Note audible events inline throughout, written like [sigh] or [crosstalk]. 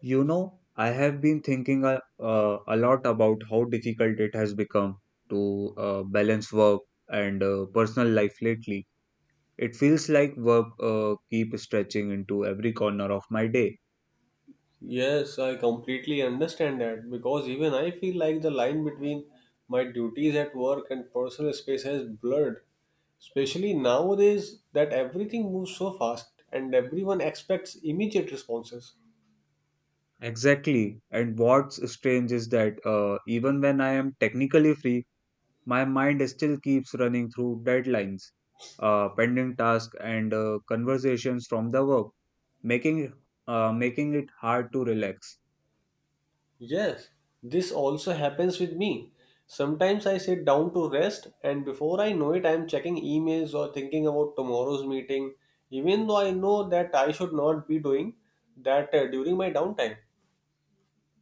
I have been thinking a lot about how difficult it has become to balance work and personal life lately. It feels like work keep stretching into every corner of my day. Yes, I completely understand that because even I feel like the line between my duties at work and personal space has blurred, especially nowadays that everything moves so fast and everyone expects immediate responses. Exactly. And what's strange is that even when I am technically free, my mind still keeps running through deadlines, pending tasks, and conversations from the work, making it- making it hard to relax. Yes, this also happens with me. Sometimes I sit down to rest, and before I know it, I am checking emails or thinking about tomorrow's meeting, even though I know that I should not be doing that during my downtime.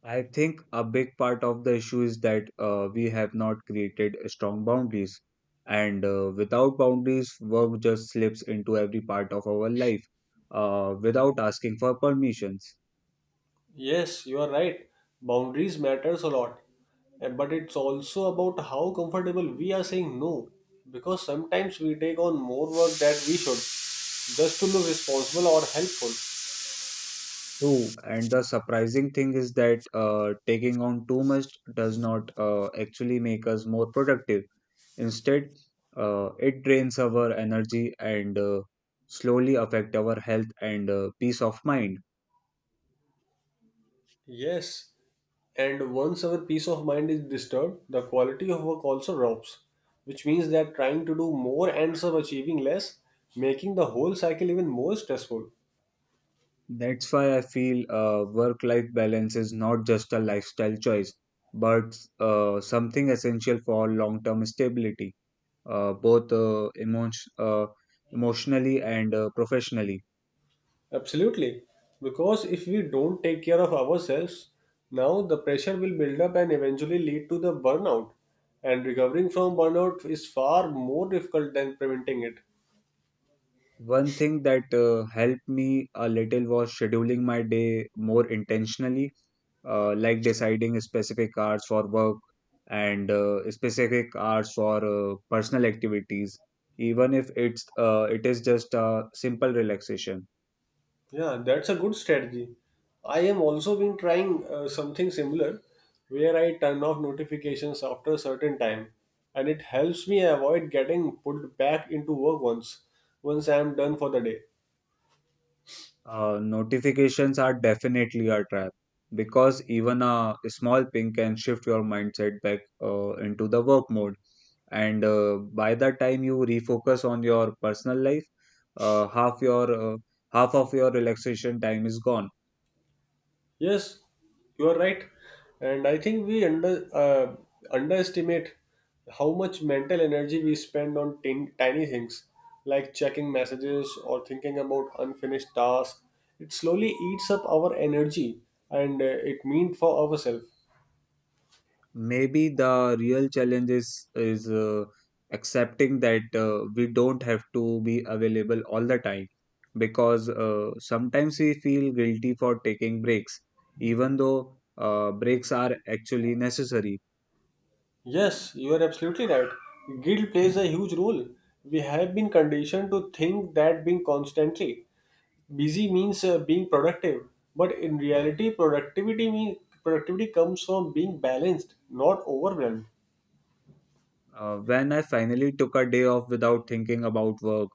I think a big part of the issue is that we have not created strong boundaries. And without boundaries, work just slips into every part of our life without asking for permissions. Yes, you are right. Boundaries matters a lot. But it's also about how comfortable we are saying no. Because sometimes we take on more work that we should, just to look responsible or helpful. True. And the surprising thing is that taking on too much does not actually make us more productive. Instead, it drains our energy and slowly affect our health and peace of mind. Yes, and once our peace of mind is disturbed, the quality of work also drops, which means that trying to do more ends up achieving less, making the whole cycle even more stressful. That's why I feel work life balance is not just a lifestyle choice, but something essential for long term stability, both uh, emotionally and professionally. Absolutely. Because if we don't take care of ourselves, now the pressure will build up and eventually lead to the burnout. And recovering from burnout is far more difficult than preventing it. One thing that helped me a little was scheduling my day more intentionally, like deciding specific hours for work and specific hours for personal activities, even if it is just a simple relaxation. Yeah, that's a good strategy. I am also been trying something similar where I turn off notifications after a certain time and it helps me avoid getting pulled back into work once I am done for the day. Notifications are definitely a trap because even a small ping can shift your mindset back into the work mode. And by the time you refocus on your personal life, uh, half your uh, half of your relaxation time is gone. Yes, you are right. And I think we underestimate how much mental energy we spend on tiny things like checking messages or thinking about unfinished tasks. It slowly eats up our energy and it means for ourselves. Maybe the real challenge is accepting that we don't have to be available all the time because sometimes we feel guilty for taking breaks even though breaks are actually necessary. Yes, you are absolutely right. Guilt plays a huge role. We have been conditioned to think that being constantly busy means being productive, but in reality productivity comes from being balanced, not overwhelmed. When I finally took a day off without thinking about work,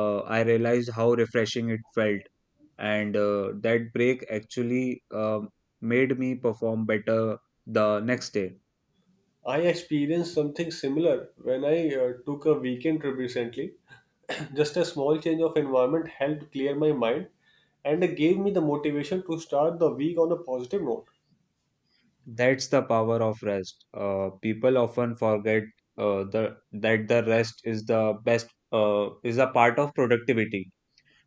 I realized how refreshing it felt, and that break actually made me perform better the next day. I experienced something similar when I took a weekend trip recently [coughs] [clears throat] just a small change of environment helped clear my mind and gave me the motivation to start the week on a positive note. That's the power of rest. People often forget the that the rest is the best is a part of productivity,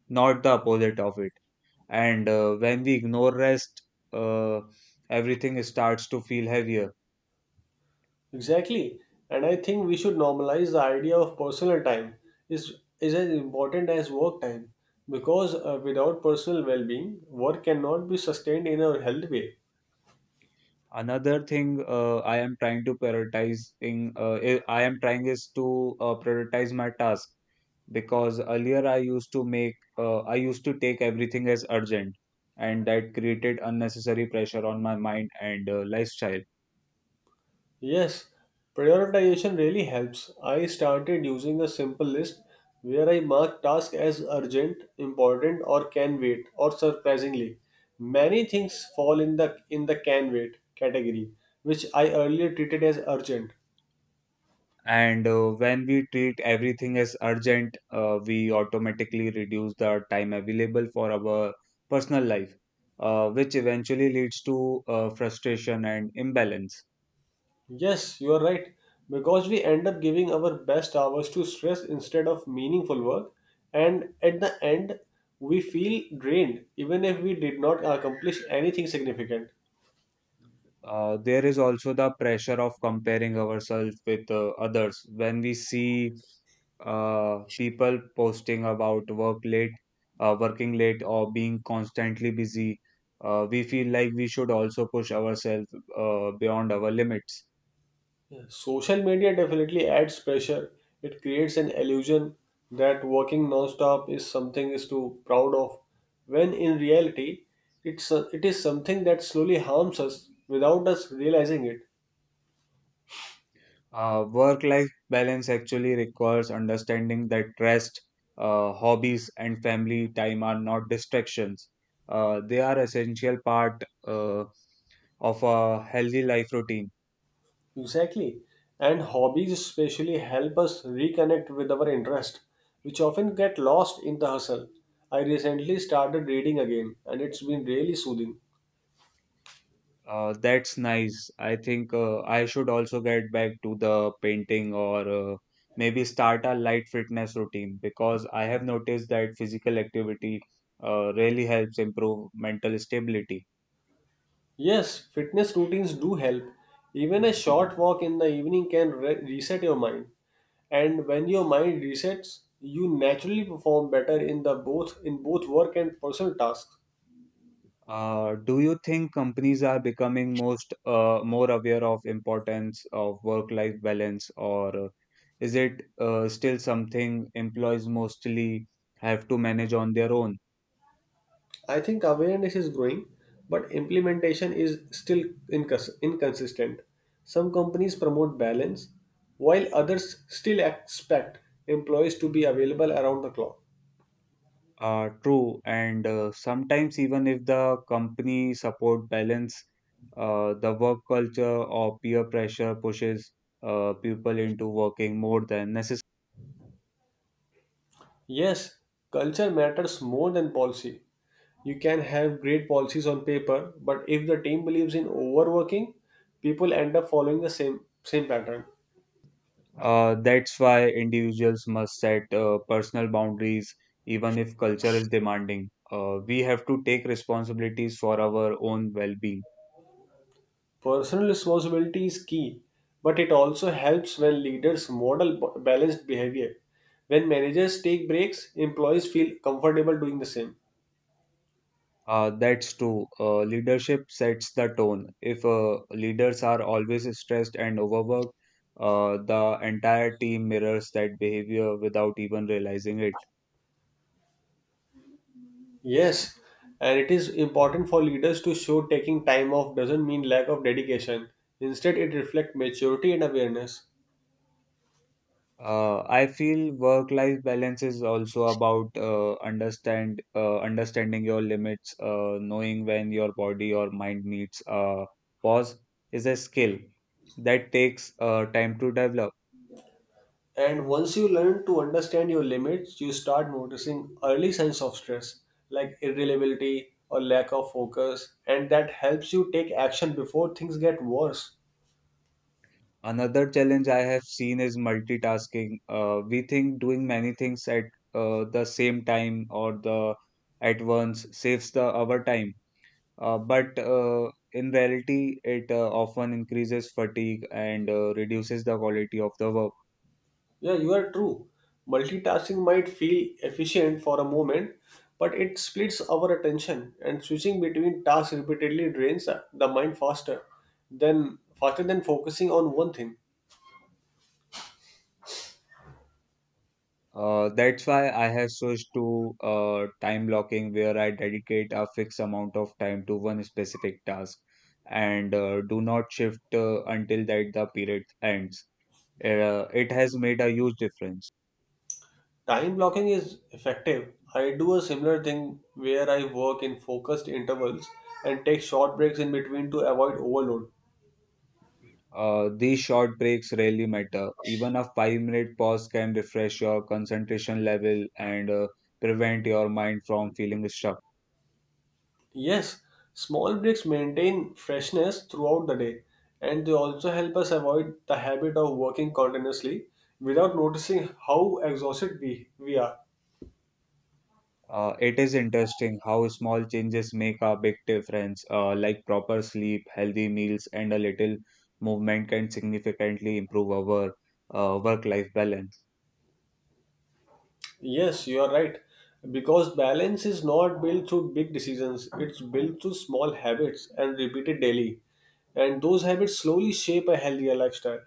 not the opposite of it. And when we ignore rest, uh, everything starts to feel heavier. Exactly. And I think we should normalize the idea of personal time is is as important as work time because without personal well-being, work cannot be sustained in a healthy way. Another thing I am trying to prioritize in, I am trying is to prioritize my task. Because earlier I used to take everything as urgent, and that created unnecessary pressure on my mind and lifestyle. Yes, prioritization really helps. I started using a simple list where I mark tasks as urgent, important, or can wait, or surprisingly. Many things fall in the can wait category, which I earlier treated as urgent. And when we treat everything as urgent, we automatically reduce the time available for our personal life, which eventually leads to frustration and imbalance. Yes, you are right. Because we end up giving our best hours to stress instead of meaningful work, and at the end, we feel drained even if we did not accomplish anything significant. There is also the pressure of comparing ourselves with others when we see people posting about working late, or being constantly busy. We feel like we should also push ourselves beyond our limits. Yeah, social media definitely adds pressure. It creates an illusion that working non-stop is something is to proud of, when in reality, it is something that slowly harms us without us realizing it. Work life balance actually requires understanding that rest, hobbies, and family time are not distractions. They are essential part of a healthy life routine. Exactly. And hobbies especially help us reconnect with our interest, which often get lost in the hustle. I recently started reading again, and it's been really soothing. That's nice. I think I should also get back to the painting or maybe start a light fitness routine, because I have noticed that physical activity really helps improve mental stability. Yes, fitness routines do help. Even a short walk in the evening can reset your mind. And when your mind resets, you naturally perform better in both work and personal tasks. Do you think companies are becoming most more aware of importance of work-life balance, or is it still something employees mostly have to manage on their own? I think awareness is growing, but implementation is still inconsistent. Some companies promote balance, while others still expect employees to be available around the clock. True, and sometimes even if the company support balance, the work culture or peer pressure pushes people into working more than necessary. Yes, culture matters more than policy. You can have great policies on paper, but if the team believes in overworking, people end up following the same pattern. That's why individuals must set personal boundaries, even if culture is demanding. We have to take responsibilities for our own well-being. Personal responsibility is key, but it also helps when leaders model balanced behavior. When managers take breaks, employees feel comfortable doing the same. That's true. Leadership sets the tone. If leaders are always stressed and overworked, the entire team mirrors that behavior without even realizing it. Yes, and it is important for leaders to show taking time off doesn't mean lack of dedication. Instead, it reflects maturity and awareness. I feel work-life balance is also about understanding your limits, knowing when your body or mind needs a pause is a skill that takes time to develop. And once you learn to understand your limits, you start noticing early signs of stress, like irritability or lack of focus, and that helps you take action before things get worse. Another challenge I have seen is multitasking. We think doing many things at the same time or the at once saves the our time, but in reality, it often increases fatigue and reduces the quality of the work. Yeah, you are true. Multitasking might feel efficient for a moment, but it splits our attention and switching between tasks repeatedly drains the mind faster than focusing on one thing. That's why I have switched to time blocking, where I dedicate a fixed amount of time to one specific task and do not shift until that the period ends. It has made a huge difference. Time blocking is effective. I do a similar thing where I work in focused intervals and take short breaks in between to avoid overload. These short breaks really matter. Even a 5-minute pause can refresh your concentration level and prevent your mind from feeling stuck. Yes, small breaks maintain freshness throughout the day and they also help us avoid the habit of working continuously without noticing how exhausted we are. It is interesting how small changes make a big difference, like proper sleep, healthy meals, and a little movement can significantly improve our work life balance. Yes, you are right. Because balance is not built through big decisions, it's built through small habits and repeated daily. And those habits slowly shape a healthier lifestyle.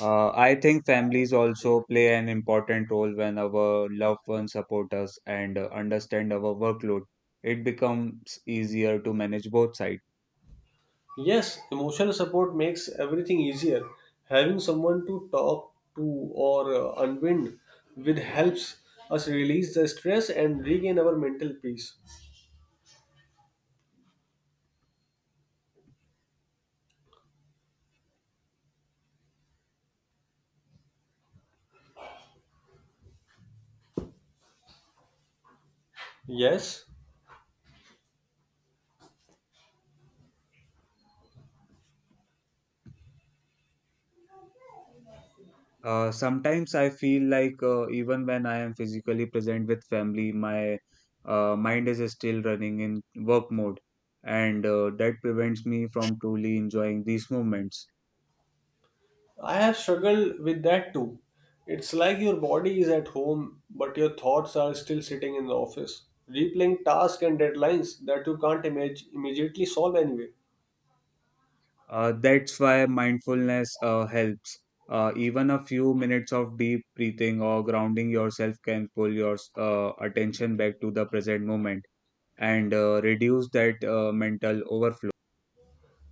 I think families also play an important role when our loved ones support us and understand our workload. It becomes easier to manage both sides. Yes, emotional support makes everything easier. Having someone to talk to or unwind with helps us release the stress and regain our mental peace. Yes, Sometimes I feel like even when I am physically present with family, my mind is still running in work mode, and that prevents me from truly enjoying these moments. I have struggled with that too. It's like your body is at home, but your thoughts are still sitting in the office, replaying tasks and deadlines that you can't image- immediately solve anyway. That's why mindfulness helps. Even a few minutes of deep breathing or grounding yourself can pull your attention back to the present moment and reduce that mental overflow.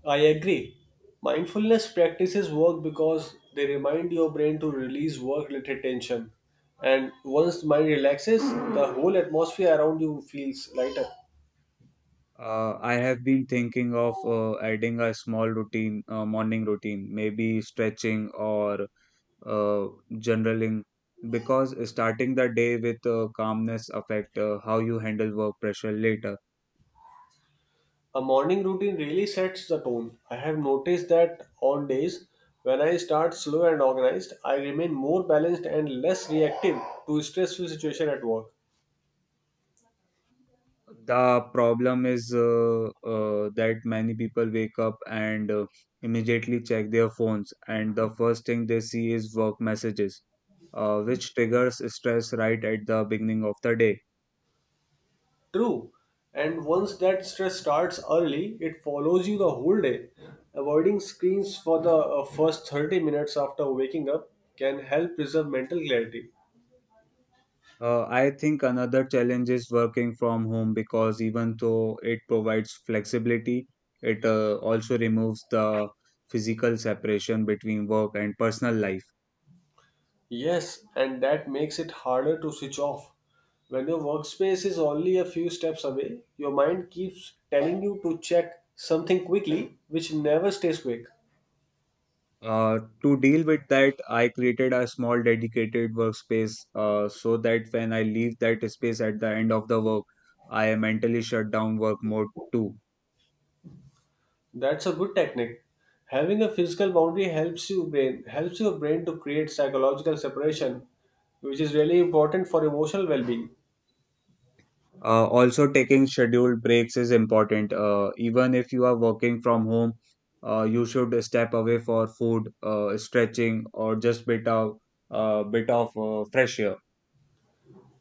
I agree. Mindfulness practices work because they remind your brain to release work related tension. And once the mind relaxes, the whole atmosphere around you feels lighter. I have been thinking of adding a morning routine, maybe stretching or uh, journaling, because starting the day with calmness affect how you handle work pressure later. A morning routine really sets the tone. I have noticed that on days when I start slow and organized, I remain more balanced and less reactive to stressful situation at work. The problem is that many people wake up and immediately check their phones, and the first thing they see is work messages, which triggers stress right at the beginning of the day. True. And once that stress starts early, it follows you the whole day. Avoiding screens for the first 30 minutes after waking up can help preserve mental clarity. I think another challenge is working from home, because even though it provides flexibility, it also removes the physical separation between work and personal life. Yes, and that makes it harder to switch off. When your workspace is only a few steps away, your mind keeps telling you to check something quickly, which never stays quick. To deal with that, I created a small dedicated workspace so that when I leave that space at the end of the work, I am mentally shut down work mode too. That's a good technique. Having a physical boundary helps your brain to create psychological separation, which is really important for emotional well-being. Also, taking scheduled breaks is important. Even if you are working from home, you should step away for food, stretching, or just bit of fresh air.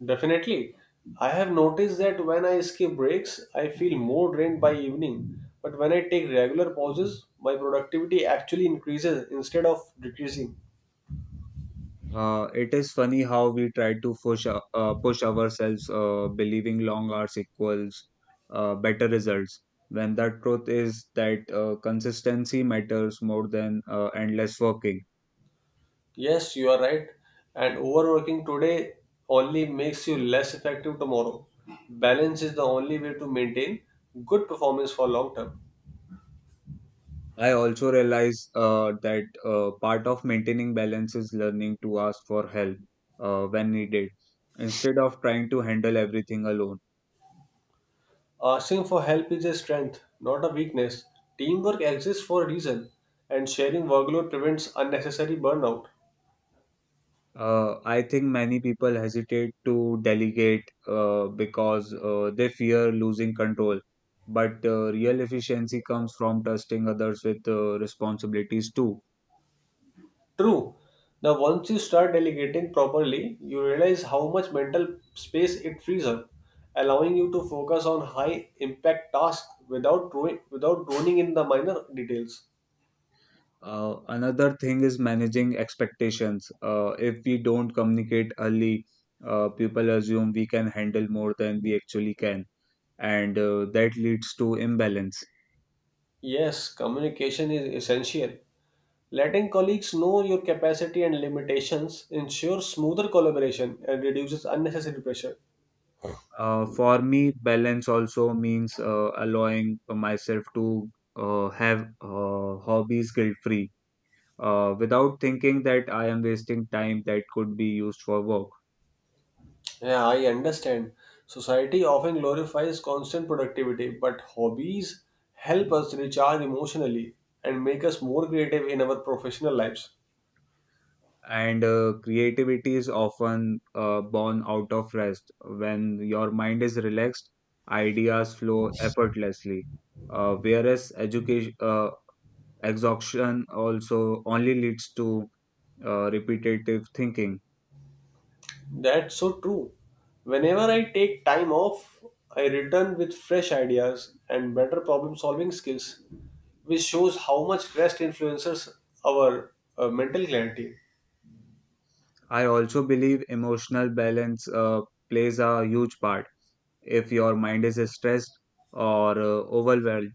Definitely. I have noticed that when I skip breaks, I feel more drained by evening, but when I take regular pauses, my productivity actually increases instead of decreasing. It is funny how we try to push ourselves, believing long hours equals better results, when the truth is that consistency matters more than endless working. Yes, you are right. And overworking today only makes you less effective tomorrow. Balance is the only way to maintain good performance for long term. I also realize that part of maintaining balance is learning to ask for help when needed, instead of trying to handle everything alone. Asking for help is a strength, not a weakness. Teamwork exists for a reason, and sharing workload prevents unnecessary burnout. I think many people hesitate to delegate because they fear losing control. But real efficiency comes from trusting others with responsibilities too. True. Now, once you start delegating properly, you realize how much mental space it frees up, allowing you to focus on high impact tasks without droning in the minor details. Another thing is managing expectations. If we don't communicate early, people assume we can handle more than we actually can, and that leads to imbalance. Yes, communication is essential. Letting colleagues know your capacity and limitations ensures smoother collaboration and reduces unnecessary pressure. For me, balance also means allowing myself to have hobbies guilt free without thinking that I am wasting time that could be used for work. Yeah, I understand. Society often glorifies constant productivity, but hobbies help us recharge emotionally and make us more creative in our professional lives. And creativity is often born out of rest. When your mind is relaxed, ideas flow effortlessly. Whereas exhaustion also only leads to repetitive thinking. That's so true. Whenever I take time off, I return with fresh ideas and better problem solving skills, which shows how much rest influences our mental clarity. I also believe emotional balance plays a huge part. If your mind is stressed or overwhelmed,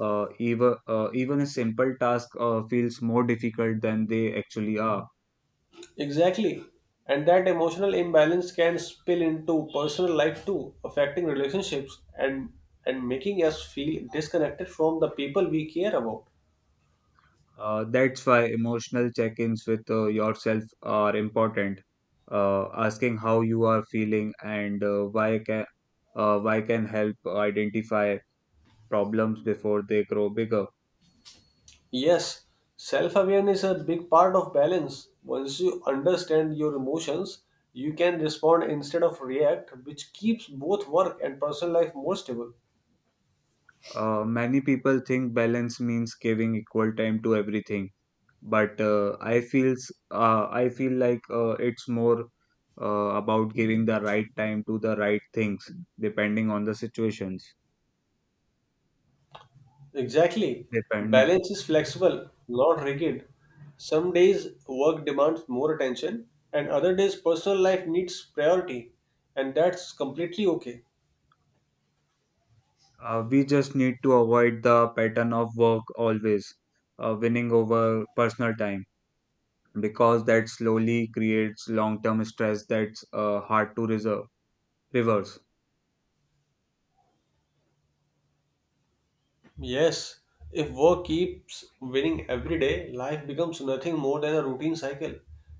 even a simple task feels more difficult than they actually are. Exactly. And that emotional imbalance can spill into personal life too, affecting relationships and making us feel disconnected from the people we care about. That's why emotional check-ins with yourself are important. Asking how you are feeling and why can help identify problems before they grow bigger. Yes, self-awareness is a big part of balance. Once you understand your emotions, you can respond instead of react, which keeps both work and personal life more stable. Many people think balance means giving equal time to everything, but I feel like it's more about giving the right time to the right things, depending on the situations. Exactly. Depending, Balance is flexible, not rigid. Some days work demands more attention, and other days personal life needs priority, and that's completely okay. We just need to avoid the pattern of work always winning over personal time, because that slowly creates long-term stress that's hard to reverse. Yes, if work keeps winning every day, life becomes nothing more than a routine cycle,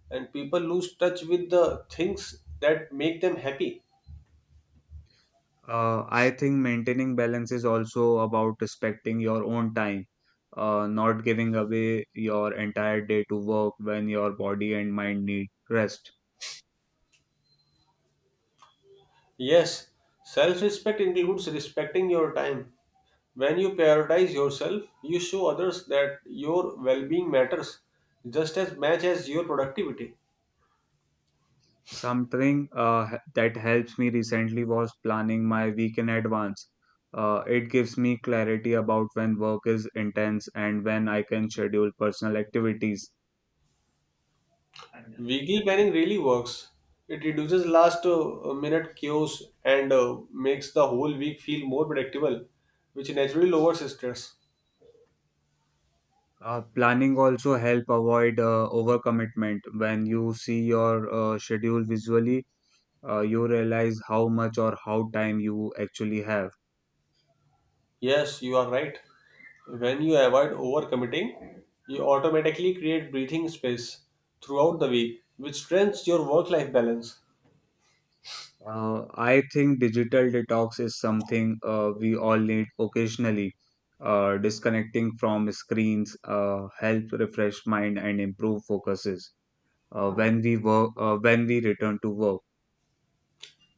and people lose touch with the things that make them happy. I think maintaining balance is also about respecting your own time, not giving away your entire day to work when your body and mind need rest. Yes, self respect includes respecting your time. When you prioritize yourself, you show others that your well being matters just as much as your productivity. Something that helps me recently was planning my week in advance. It gives me clarity about when work is intense and when I can schedule personal activities. Weekly planning really works. It reduces last minute chaos and makes the whole week feel more predictable, which naturally lowers stress. Planning also help avoid overcommitment. When you see your schedule visually, you realize how much or how time you actually have. Yes, you are right. When you avoid overcommitting, you automatically create breathing space throughout the week, which strengthens your work life balance. I think digital detox is something we all need occasionally. Disconnecting from screens help refresh mind and improve focuses. When we work, when we return to work.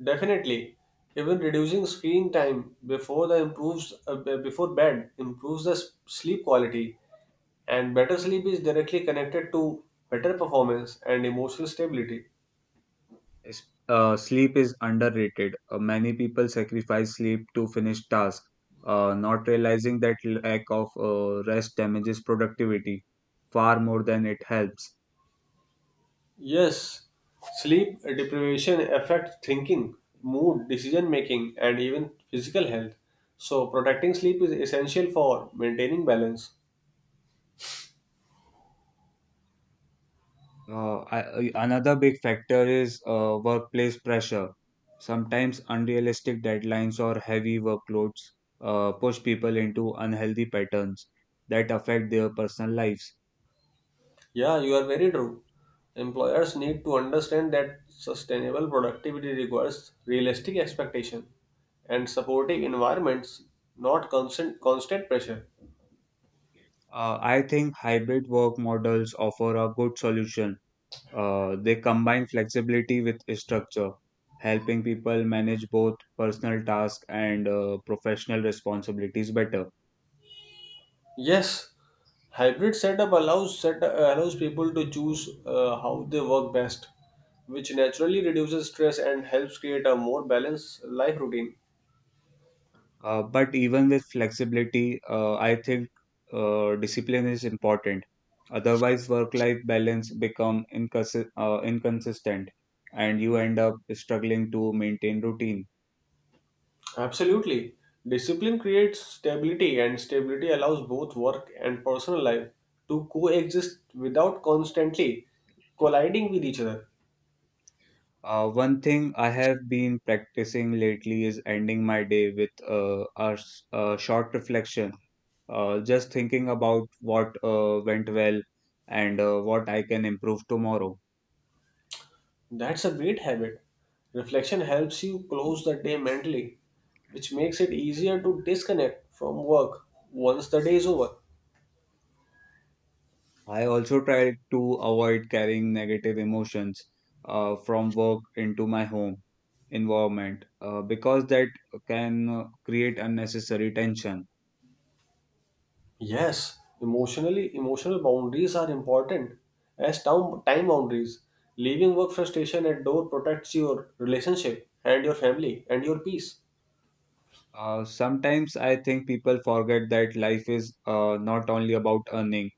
Definitely, even reducing screen time before bed improves the sleep quality, and better sleep is directly connected to better performance and emotional stability. Sleep is underrated. Many people sacrifice sleep to finish tasks, not realizing that lack of rest damages productivity far more than it helps. Yes, sleep deprivation affects thinking, mood, decision making, and even physical health. So, protecting sleep is essential for maintaining balance. Uh, I, Another big factor is workplace pressure. Sometimes unrealistic deadlines or heavy workloads push people into unhealthy patterns that affect their personal lives. Yeah, you are very true. Employers need to understand that sustainable productivity requires realistic expectation and supportive environments, not constant pressure. I think hybrid work models offer a good solution. They combine flexibility with structure, helping people manage both personal tasks and professional responsibilities better. Yes, hybrid setup allows people to choose how they work best, which naturally reduces stress and helps create a more balanced life routine. But even with flexibility, I think discipline is important. Otherwise, work-life balance become inconsistent, and you end up struggling to maintain routine. Absolutely. Discipline creates stability, and stability allows both work and personal life to coexist without constantly colliding with each other. One thing I have been practicing lately is ending my day with a short reflection, just thinking about what went well and what I can improve tomorrow. That's a great habit. Reflection helps you close the day mentally, which makes it easier to disconnect from work once the day is over. I also try to avoid carrying negative emotions from work into my home environment because that can create unnecessary tension. Yes, emotionally, emotional boundaries are important as time boundaries. Leaving work frustration at door protects your relationship and your family and your peace. Sometimes I think people forget that life is not only about earning,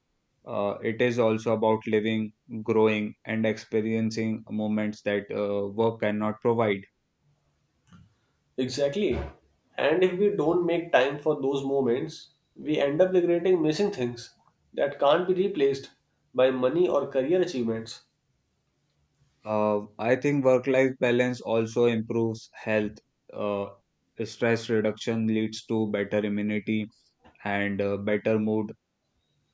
it is also about living, growing, and experiencing moments that work cannot provide. Exactly. And if we don't make time for those moments, we end up regretting missing things that can't be replaced by money or career achievements. I think work life balance also improves health. Uh, Stress reduction leads to better immunity and better mood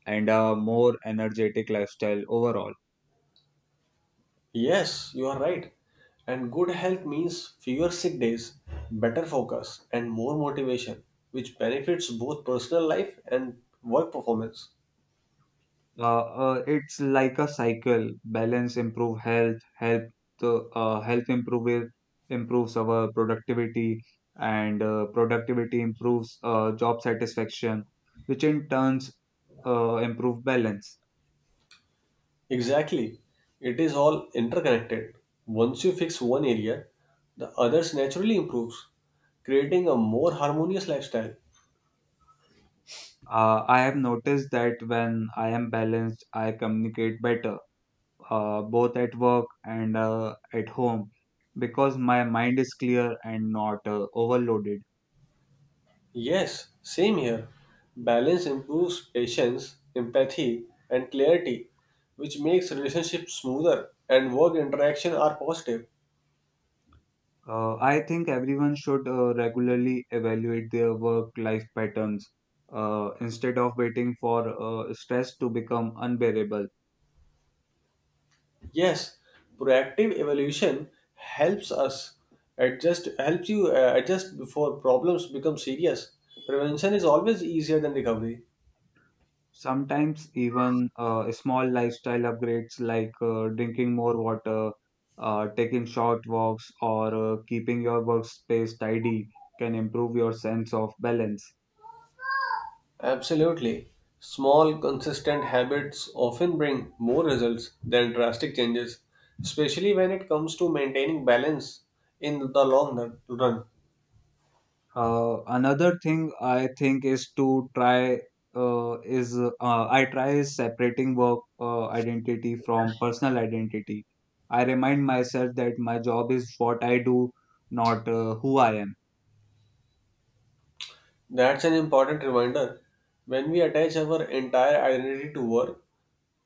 and a more energetic lifestyle overall. Yes, you are right. And good health means fewer sick days, better focus, and more motivation, which benefits both personal life and work performance. It's like a cycle. Balance improve health, help to health improve improves our productivity, and productivity improves job satisfaction, which in turns improve balance. Exactly. It is all interconnected. Once you fix one area, the others naturally improves, creating a more harmonious lifestyle. I have noticed that when I am balanced, I communicate better, both at work and at home, because my mind is clear and not overloaded. Yes, same here. Balance improves patience, empathy, and clarity, which makes relationships smoother and work interaction are positive. I think everyone should regularly evaluate their work-life patterns instead of waiting for stress to become unbearable. Yes, proactive evolution helps us adjust helps you adjust before problems become serious. Prevention is always easier than recovery. Sometimes even small lifestyle upgrades like drinking more water, taking short walks, or keeping your workspace tidy can improve your sense of balance. Absolutely. Small, consistent habits often bring more results than drastic changes, especially when it comes to maintaining balance in the long run. Another thing I think is to try is I try is separating work identity from personal identity. I remind myself that my job is what I do, not who I am. That's an important reminder. When we attach our entire identity to work,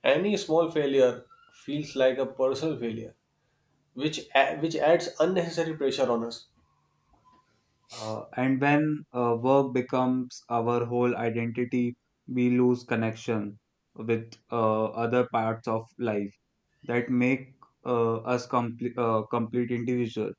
any small failure feels like a personal failure, which adds unnecessary pressure on us. And when work becomes our whole identity, we lose connection with other parts of life that make us complete complete individual.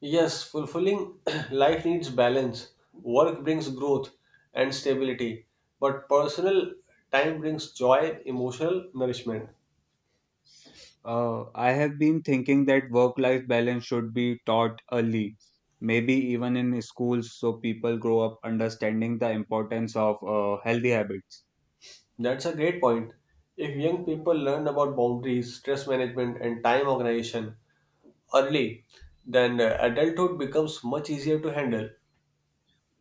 Yes, fulfilling [clears throat] life needs balance. Work brings growth and stability, but personal time brings joy, emotional nourishment. I have been thinking that work-life balance should be taught early, maybe even in schools, so people grow up understanding the importance of healthy habits. That's a great point. If young people learn about boundaries, stress management, and time organization early, then adulthood becomes much easier to handle.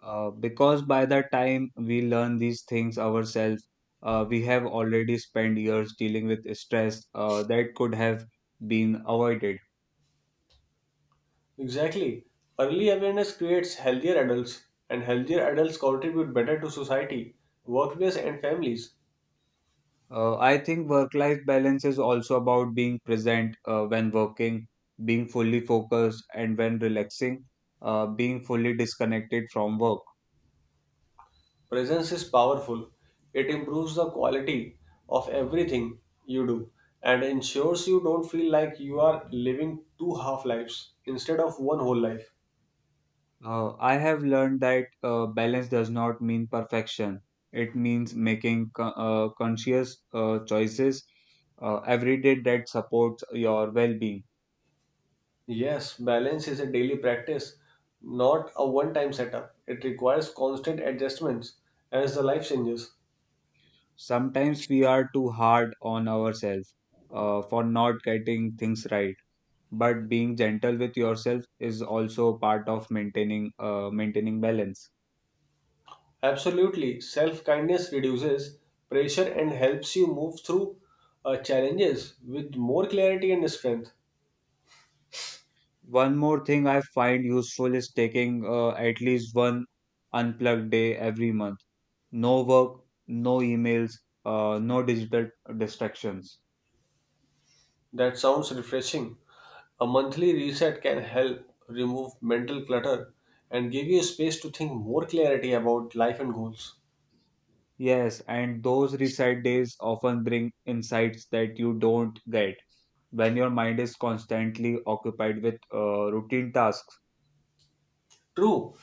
Because by the time we learn these things ourselves, we have already spent years dealing with stress that could have been avoided. Exactly. Early awareness creates healthier adults, and healthier adults contribute better to society, workplace, and families. I think work life balance is also about being present when working, being fully focused, and when relaxing, being fully disconnected from work. Presence is powerful. It improves the quality of everything you do and ensures you don't feel like you are living two half lives instead of one whole life. I have learned that balance does not mean perfection. It means making conscious choices every day that supports your well-being. Yes, balance is a daily practice, not a one time setup. It requires constant adjustments as the life changes. Sometimes we are too hard on ourselves for not getting things right, but being gentle with yourself is also part of maintaining balance. Absolutely, self kindness reduces pressure and helps you move through challenges with more clarity and strength. One more thing I find useful is taking at least one unplugged day every month. No work, no emails, no digital distractions. That sounds refreshing. A monthly reset can help remove mental clutter and give you space to think more clarity about life and goals. Yes, and those reset days often bring insights that you don't get when your mind is constantly occupied with routine tasks. True,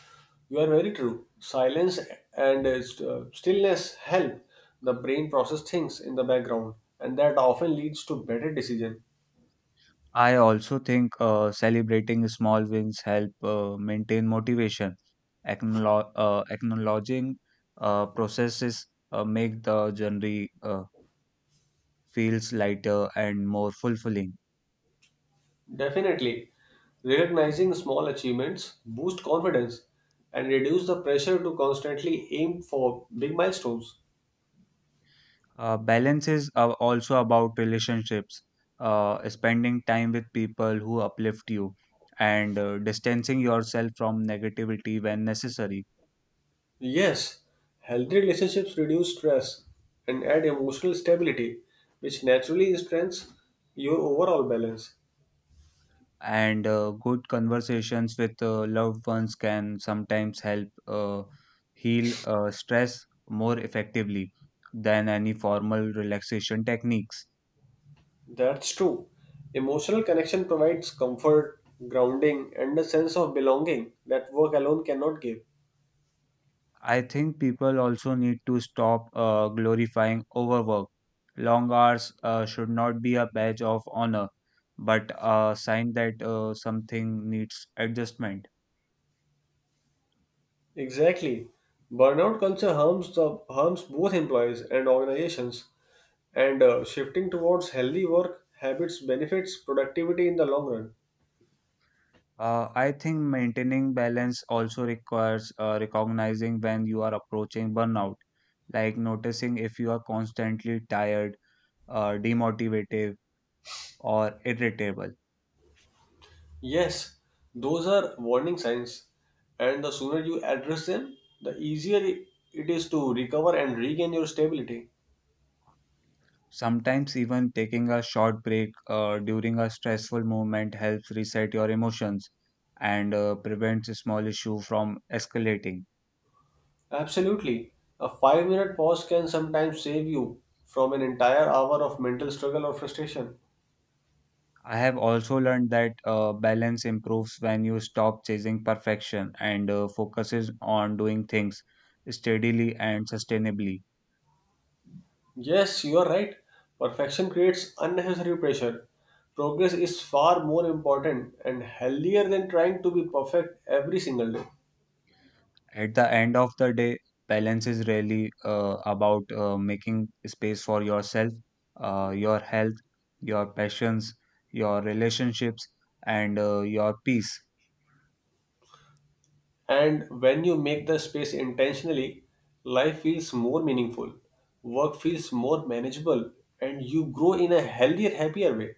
you are very true. Silence and stillness help the brain process things in the background, and that often leads to better decision. I also think celebrating small wins help maintain motivation. Acknowledging processes make the journey feels lighter and more fulfilling. Definitely, recognizing small achievements boost confidence and reduce the pressure to constantly aim for big milestones. Balance is also about relationships, spending time with people who uplift you, and distancing yourself from negativity when necessary. Yes, healthy relationships reduce stress and add emotional stability, which naturally strengthens your overall balance. And good conversations with loved ones can sometimes help heal stress more effectively than any formal relaxation techniques. That's true. Emotional connection provides comfort, grounding, and a sense of belonging that work alone cannot give. I think people also need to stop glorifying overwork. Long hours should not be a badge of honor, but a sign that something needs adjustment. Exactly. Burnout culture harms both employees and organizations, and shifting towards healthy work habits benefits productivity in the long run. I think maintaining balance also requires recognizing when you are approaching burnout like noticing if you are constantly tired, demotivative or irritable. Yes, those are warning signs, and the sooner you address them, the easier it is to recover and regain your stability. Sometimes, even taking a short break during a stressful moment helps reset your emotions and prevents a small issue from escalating. Absolutely. A 5-minute pause can sometimes save you from an entire hour of mental struggle or frustration. I have also learned that balance improves when you stop chasing perfection and focuses on doing things steadily and sustainably. Yes, you are right. Perfection creates unnecessary pressure. Progress is far more important and healthier than trying to be perfect every single day. At the end of the day, balance is really about making space for yourself, your health, your passions, your relationships, and your peace. And when you make the space intentionally, life feels more meaningful, work feels more manageable, and you grow in a healthier, happier way.